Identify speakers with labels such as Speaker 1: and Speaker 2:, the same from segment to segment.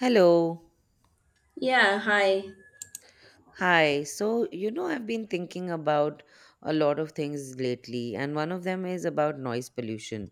Speaker 1: Hello.
Speaker 2: Yeah, hi.
Speaker 1: Hi. So, I've been thinking about a lot of things lately, and one of them is about noise pollution.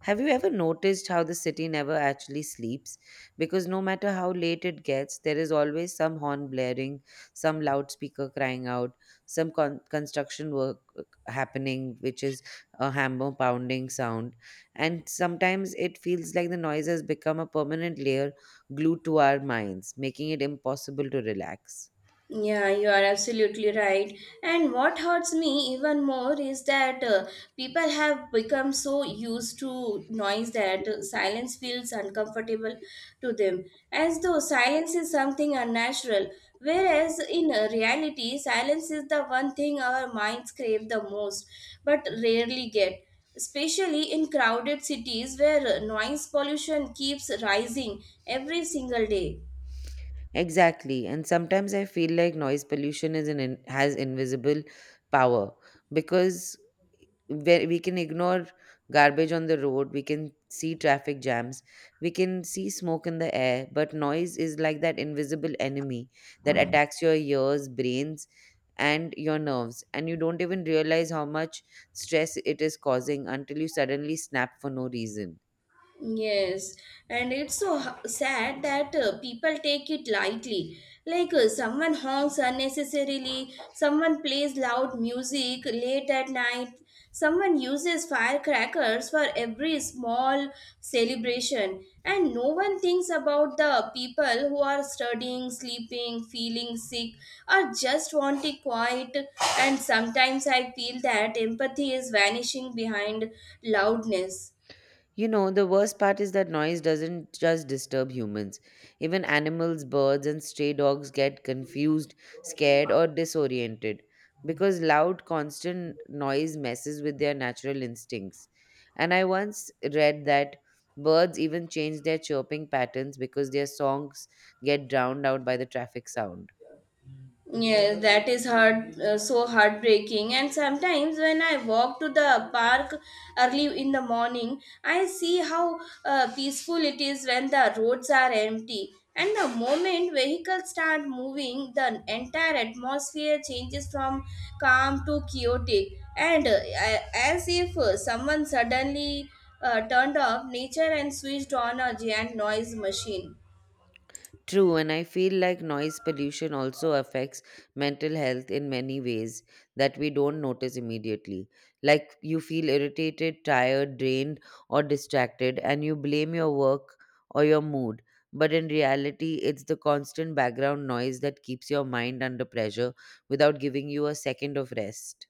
Speaker 1: Have you ever noticed how the city never actually sleeps? Because no matter how late it gets, there is always some horn blaring, some loudspeaker crying out, some construction work happening, which is a hammer pounding sound. And sometimes it feels like the noise has become a permanent layer glued to our minds, making it impossible to relax.
Speaker 2: Yeah, you are absolutely right. And what hurts me even more is that people have become so used to noise that silence feels uncomfortable to them, as though silence is something unnatural. Whereas in reality, silence is the one thing our minds crave the most, but rarely get. Especially in crowded cities where noise pollution keeps rising every single day.
Speaker 1: Exactly. And sometimes I feel like noise pollution is has invisible power, because where we can ignore garbage on the road, we can see traffic jams, we can see smoke in the air, but noise is like that invisible enemy that attacks your ears, brains, and your nerves, and you don't even realize how much stress it is causing until you suddenly snap for no reason.
Speaker 2: Yes, and it's so sad that people take it lightly. Like someone honks unnecessarily, someone plays loud music late at night, someone uses firecrackers for every small celebration, and no one thinks about the people who are studying, sleeping, feeling sick, or just want it quiet. And sometimes I feel that empathy is vanishing behind loudness.
Speaker 1: You know, the worst part is that noise doesn't just disturb humans. Even animals, birds, and stray dogs get confused, scared, or disoriented because loud, constant noise messes with their natural instincts. And I once read that birds even change their chirping patterns because their songs get drowned out by the traffic sound.
Speaker 2: Yes, that is hard, so heartbreaking. And sometimes when I walk to the park early in the morning, I see how peaceful it is when the roads are empty. And the moment vehicles start moving, the entire atmosphere changes from calm to chaotic. And as if someone suddenly turned off nature and switched on a giant noise machine.
Speaker 1: True, and I feel like noise pollution also affects mental health in many ways that we don't notice immediately. Like you feel irritated, tired, drained, or distracted, and you blame your work or your mood. But in reality, it's the constant background noise that keeps your mind under pressure without giving you a second of rest.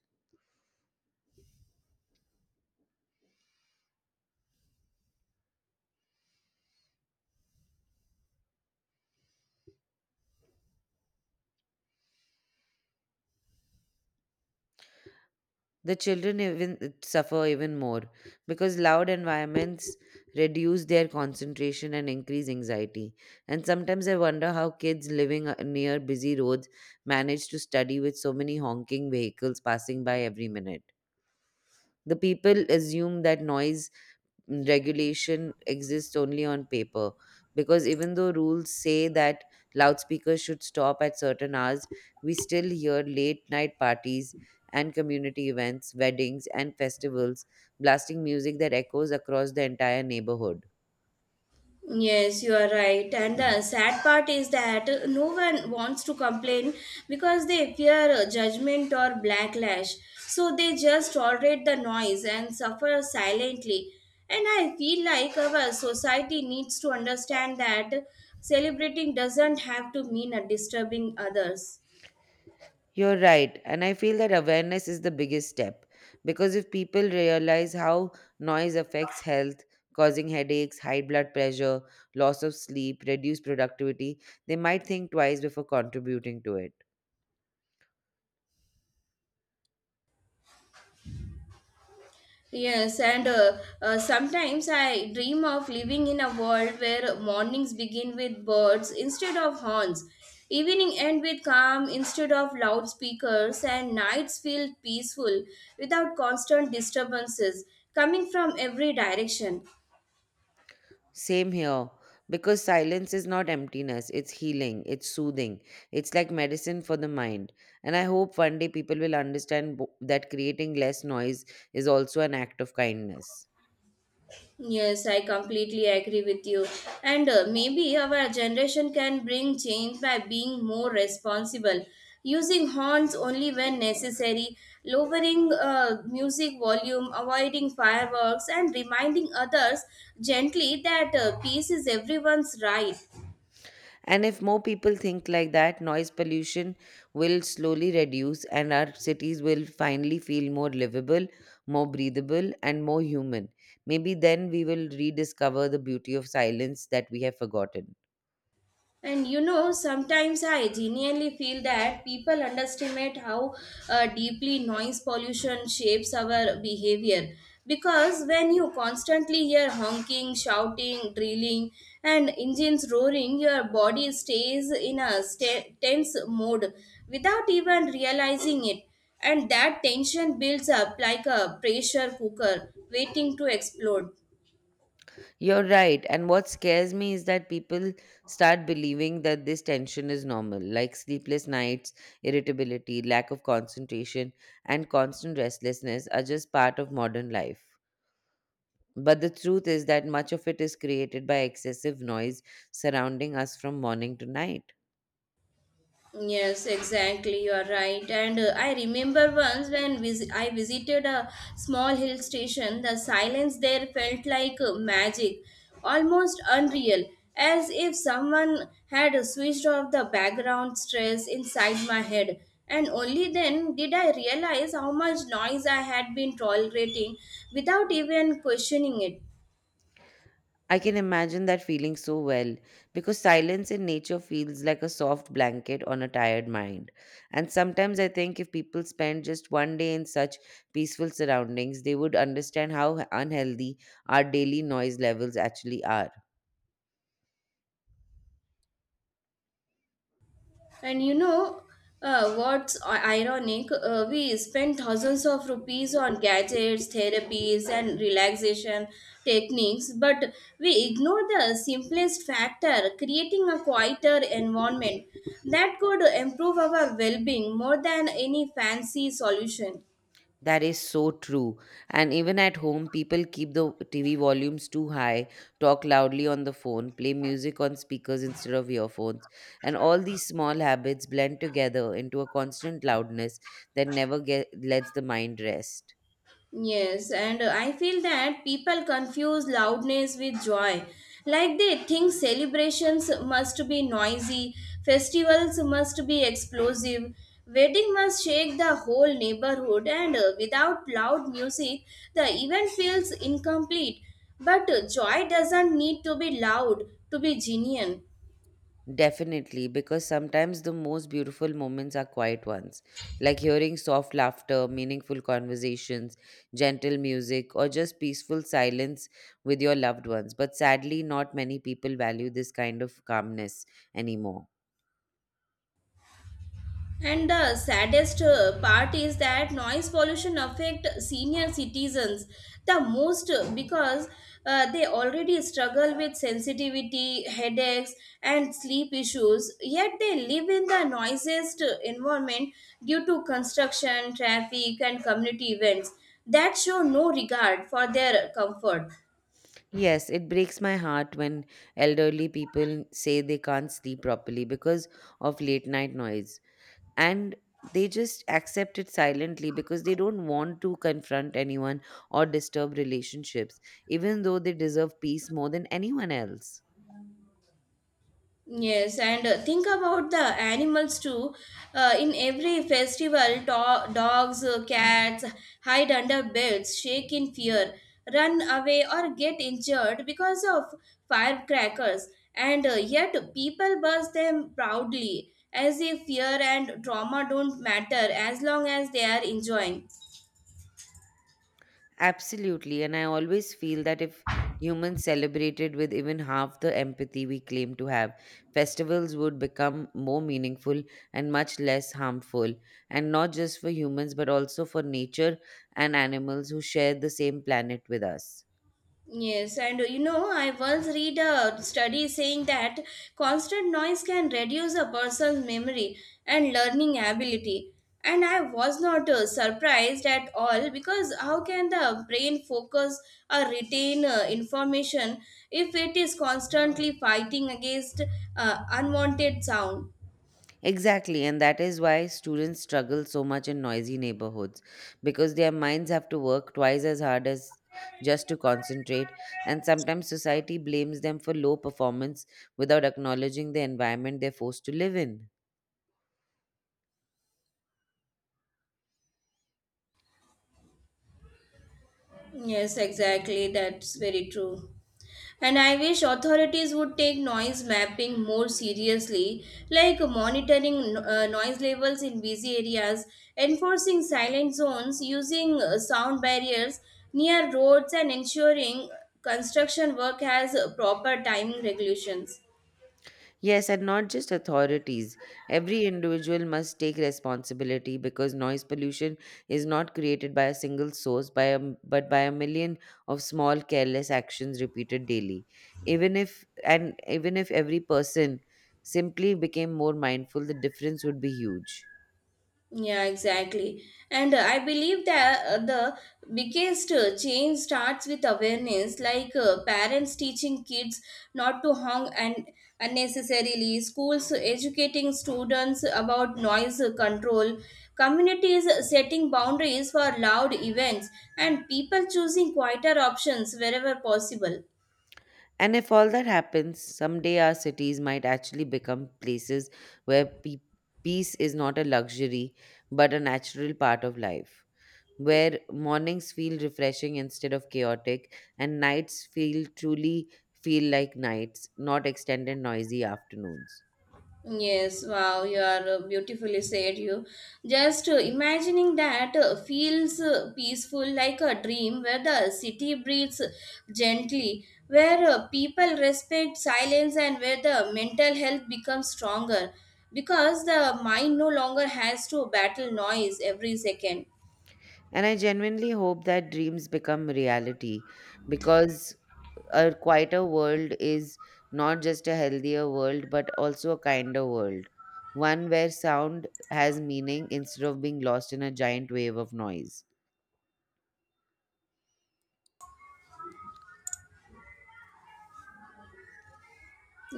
Speaker 1: The children even suffer even more because loud environments reduce their concentration and increase anxiety. And sometimes I wonder how kids living near busy roads manage to study with so many honking vehicles passing by every minute. The people assume that noise regulation exists only on paper because even though rules say that loudspeakers should stop at certain hours, we still hear late night parties and community events, weddings, and festivals blasting music that echoes across the entire neighborhood.
Speaker 2: Yes, you are right. And the sad part is that no one wants to complain because they fear judgment or backlash. So they just tolerate the noise and suffer silently. And I feel like our society needs to understand that celebrating doesn't have to mean disturbing others.
Speaker 1: You're right. And I feel that awareness is the biggest step because if people realize how noise affects health, causing headaches, high blood pressure, loss of sleep, reduced productivity, they might think twice before contributing to it.
Speaker 2: Yes, and sometimes I dream of living in a world where mornings begin with birds instead of horns, evening end with calm instead of loudspeakers, and nights feel peaceful without constant disturbances coming from every direction.
Speaker 1: Same here. Because silence is not emptiness, it's healing, it's soothing, it's like medicine for the mind. And I hope one day people will understand that creating less noise is also an act of kindness.
Speaker 2: Yes, I completely agree with you. And maybe our generation can bring change by being more responsible, using horns only when necessary, lowering music volume, avoiding fireworks, and reminding others gently that peace is everyone's right.
Speaker 1: And if more people think like that, noise pollution will slowly reduce and our cities will finally feel more livable, more breathable, and more human. Maybe then we will rediscover the beauty of silence that we have forgotten.
Speaker 2: And you know, sometimes I genuinely feel that people underestimate how deeply noise pollution shapes our behavior. Because when you constantly hear honking, shouting, drilling, and engines roaring, your body stays in a tense mode without even realizing it. And that tension builds up like a pressure cooker waiting to explode.
Speaker 1: You're right. And what scares me is that people start believing that this tension is normal, like sleepless nights, irritability, lack of concentration, and constant restlessness are just part of modern life. But the truth is that much of it is created by excessive noise surrounding us from morning to night.
Speaker 2: Yes, exactly. You are right. And I remember once when I visited a small hill station, the silence there felt like magic, almost unreal, as if someone had switched off the background stress inside my head. And only then did I realize how much noise I had been tolerating without even questioning it.
Speaker 1: I can imagine that feeling so well because silence in nature feels like a soft blanket on a tired mind. And sometimes I think if people spend just one day in such peaceful surroundings, they would understand how unhealthy our daily noise levels actually are.
Speaker 2: And you know what's ironic? We spend thousands of rupees on gadgets, therapies, and relaxation techniques, but we ignore the simplest factor creating a quieter environment that could improve our well being more than any fancy solution.
Speaker 1: That is so true. And even at home, people keep the TV volumes too high, talk loudly on the phone, play music on speakers instead of earphones. And all these small habits blend together into a constant loudness that never lets the mind rest.
Speaker 2: Yes, and I feel that people confuse loudness with joy. Like they think celebrations must be noisy, festivals must be explosive, wedding must shake the whole neighborhood, and without loud music, the event feels incomplete. But joy doesn't need to be loud to be genuine.
Speaker 1: Definitely, because sometimes the most beautiful moments are quiet ones, like hearing soft laughter, meaningful conversations, gentle music, or just peaceful silence with your loved ones. But sadly, not many people value this kind of calmness anymore.
Speaker 2: And the saddest part is that noise pollution affect senior citizens the most because they already struggle with sensitivity, headaches, and sleep issues. Yet they live in the noisiest environment due to construction, traffic, and community events that show no regard for their comfort.
Speaker 1: Yes, it breaks my heart when elderly people say they can't sleep properly because of late night noise, and they just accept it silently because they don't want to confront anyone or disturb relationships, even though they deserve peace more than anyone else.
Speaker 2: Yes, and think about the animals too. In every festival, dogs, cats hide under beds, shake in fear, run away, or get injured because of firecrackers. And yet, people burst them proudly, as if fear and trauma don't matter as long as they are enjoying.
Speaker 1: Absolutely. And I always feel that if humans celebrated with even half the empathy we claim to have, festivals would become more meaningful and much less harmful. And not just for humans, but also for nature and animals who share the same planet with us.
Speaker 2: Yes, and you know, I once read a study saying that constant noise can reduce a person's memory and learning ability. And I was not surprised at all because how can the brain focus or retain information if it is constantly fighting against unwanted sound?
Speaker 1: Exactly, and that is why students struggle so much in noisy neighborhoods, because their minds have to work twice as hard as just to concentrate, and sometimes society blames them for low performance without acknowledging the environment they're forced to live in.
Speaker 2: Yes, exactly. That's very true. And I wish authorities would take noise mapping more seriously, like monitoring noise levels in busy areas, enforcing silent zones, using sound barriers near roads, and ensuring construction work has proper timing regulations.
Speaker 1: Yes, and not just authorities. Every individual must take responsibility because noise pollution is not created by a single source, but by a million of small careless actions repeated daily. Even if every person simply became more mindful, the difference would be huge.
Speaker 2: Yeah, exactly. And I believe that the biggest change starts with awareness, like parents teaching kids not to honk and unnecessarily, schools educating students about noise control, communities setting boundaries for loud events, and people choosing quieter options wherever possible.
Speaker 1: And if all that happens, someday our cities might actually become places where peace is not a luxury but a natural part of life, where mornings feel refreshing instead of chaotic, and nights feel like nights, not extended noisy afternoons.
Speaker 2: Yes, wow, you are beautifully said. You just imagining that feels peaceful like a dream where the city breathes gently, where people respect silence, and where the mental health becomes stronger because the mind no longer has to battle noise every second.
Speaker 1: And I genuinely hope that dreams become reality, because a quieter world is not just a healthier world but also a kinder world. One where sound has meaning instead of being lost in a giant wave of noise.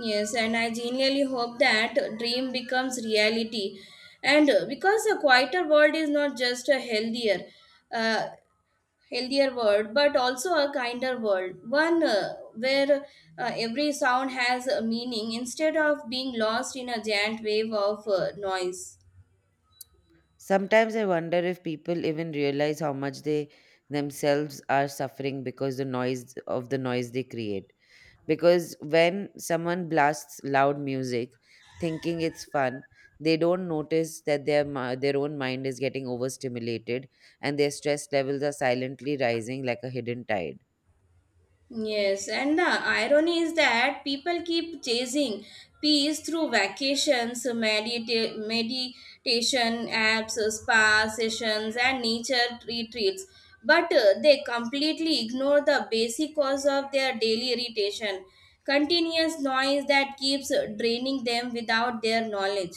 Speaker 2: Yes, and I genuinely hope that dream becomes reality. And because a quieter world is not just a uh, healthier world but also a kinder world one where every sound has a meaning instead of being lost in a giant wave of noise.
Speaker 1: Sometimes I wonder if people even realize how much they themselves are suffering because the noise they create. Because when someone blasts loud music, thinking it's fun, they don't notice that their own mind is getting overstimulated and their stress levels are silently rising like a hidden tide.
Speaker 2: Yes, and the irony is that people keep chasing peace through vacations, meditation apps, spa sessions, and nature retreats. But they completely ignore the basic cause of their daily irritation continuous noise that keeps draining them without their knowledge.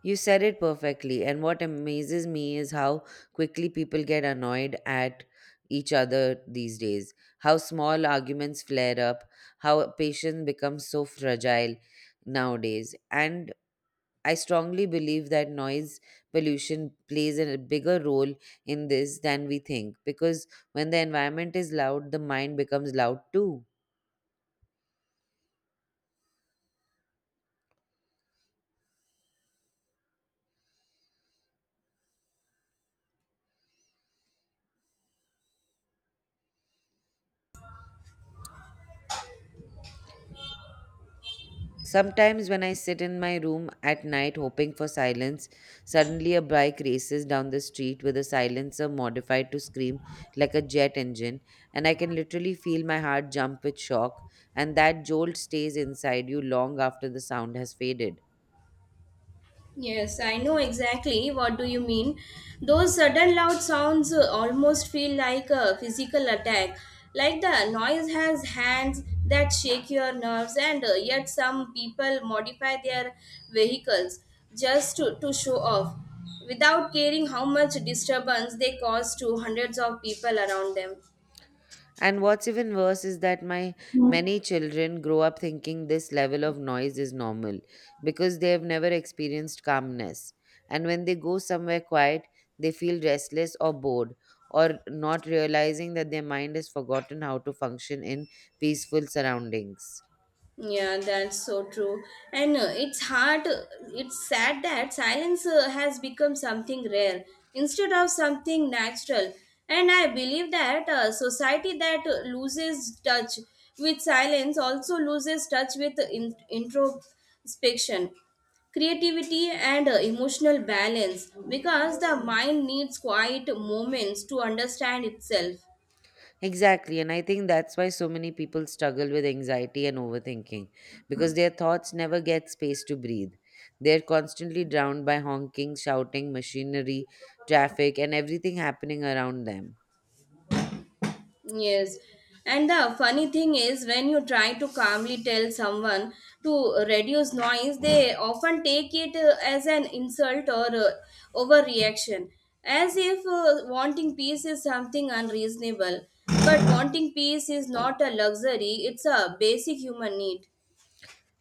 Speaker 1: You said it perfectly, and what amazes me is how quickly people get annoyed at each other these days. How small arguments flare up, how patience becomes so fragile nowadays. And I strongly believe that noise pollution plays a bigger role in this than we think, because when the environment is loud, the mind becomes loud too. Sometimes, when I sit in my room at night hoping for silence, suddenly a bike races down the street with a silencer modified to scream like a jet engine, and I can literally feel my heart jump with shock, and that jolt stays inside you long after the sound has faded.
Speaker 2: Yes, I know exactly what do you mean. Those sudden loud sounds almost feel like a physical attack. Like the noise has hands that shake your nerves and yet some people modify their vehicles just to show off without caring how much disturbance they cause to hundreds of people around them.
Speaker 1: And what's even worse is that my many children grow up thinking this level of noise is normal because they have never experienced calmness. And when they go somewhere quiet, they feel restless or bored, or not realizing that their mind has forgotten how to function in peaceful surroundings.
Speaker 2: Yeah, that's so true. And it's sad that silence has become something rare instead of something natural. And I believe that society that loses touch with silence also loses touch with introspection, creativity, and emotional balance because the mind needs quiet moments to understand itself.
Speaker 1: Exactly. And I think that's why so many people struggle with anxiety and overthinking, because their thoughts never get space to breathe. They're constantly drowned by honking, shouting, machinery, traffic, and everything happening around them.
Speaker 2: Yes. And the funny thing is, when you try to calmly tell someone to reduce noise, they often take it as an insult or overreaction, as if wanting peace is something unreasonable. But wanting peace is not a luxury, it's a basic human need.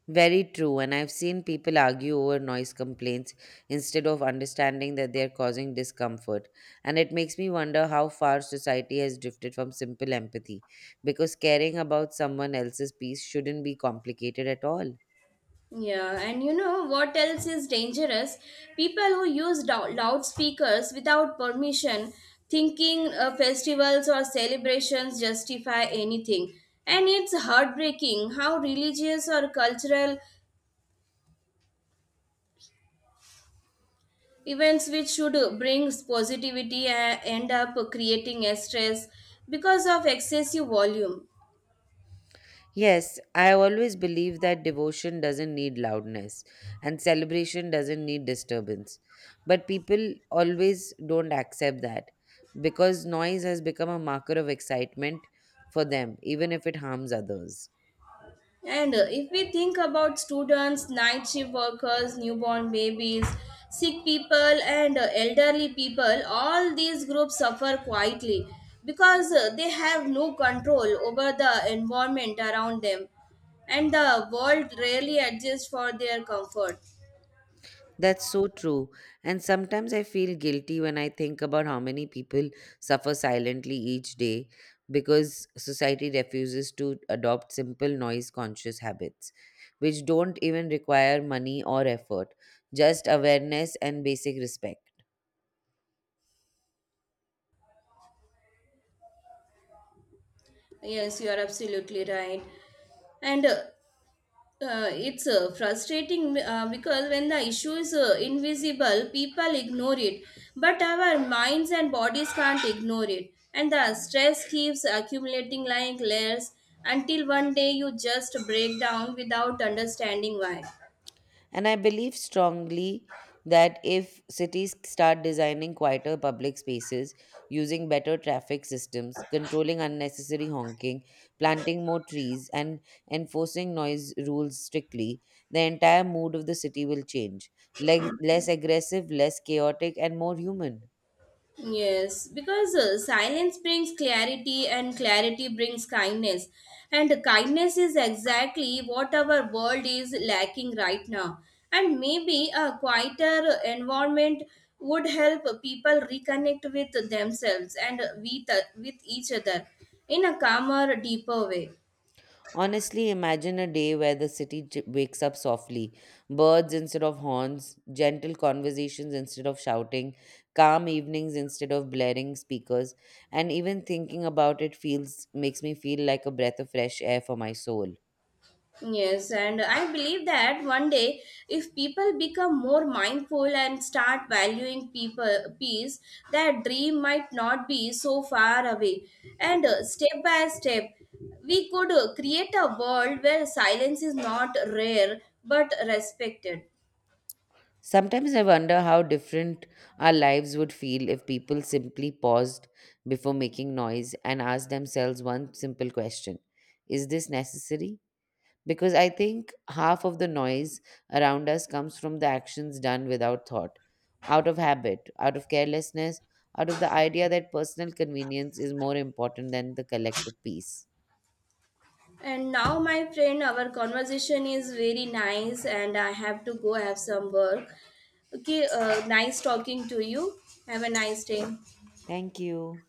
Speaker 1: Very true. And I've seen people argue over noise complaints instead of understanding that they're causing discomfort. And it makes me wonder how far society has drifted from simple empathy, because caring about someone else's peace shouldn't be complicated at all.
Speaker 2: Yeah, and you know what else is dangerous? People who use loudspeakers without permission, thinking festivals or celebrations justify anything. And it's heartbreaking how religious or cultural events, which should bring positivity, end up creating a stress because of excessive volume.
Speaker 1: Yes, I always believe that devotion doesn't need loudness and celebration doesn't need disturbance. But people always don't accept that, because noise has become a marker of excitement for them, even if it harms others.
Speaker 2: And if we think about students, night shift workers, newborn babies, sick people, and elderly people, all these groups suffer quietly because they have no control over the environment around them, and the world rarely adjusts for their comfort.
Speaker 1: That's so true. And sometimes I feel guilty when I think about how many people suffer silently each day because society refuses to adopt simple noise conscious habits, which don't even require money or effort, just awareness and basic respect.
Speaker 2: Yes, you are absolutely right. And it's frustrating because when the issue is invisible, people ignore it. But our minds and bodies can't ignore it. And the stress keeps accumulating like layers until one day you just break down without understanding why.
Speaker 1: And I believe strongly that if cities start designing quieter public spaces, using better traffic systems, controlling unnecessary honking, planting more trees, and enforcing noise rules strictly, the entire mood of the city will change. Less aggressive, less chaotic, and more human.
Speaker 2: Yes, because silence brings clarity and clarity brings kindness. And kindness is exactly what our world is lacking right now. And maybe a quieter environment would help people reconnect with themselves and with each other in a calmer, deeper way.
Speaker 1: Honestly, imagine a day where the city wakes up softly. Birds instead of horns, gentle conversations instead of shouting, calm evenings instead of blaring speakers, and even thinking about it feels makes me feel like a breath of fresh air for my soul.
Speaker 2: Yes, and I believe that one day, if people become more mindful and start valuing people peace, that dream might not be so far away. And step by step, we could create a world where silence is not rare but respected.
Speaker 1: Sometimes I wonder how different our lives would feel if people simply paused before making noise and asked themselves one simple question: Is this necessary? Because I think half of the noise around us comes from the actions done without thought, out of habit, out of carelessness, out of the idea that personal convenience is more important than the collective peace.
Speaker 2: And now, my friend, our conversation is very nice, and I have to go have some work. Okay, nice talking to you. Have a nice day.
Speaker 1: Thank you.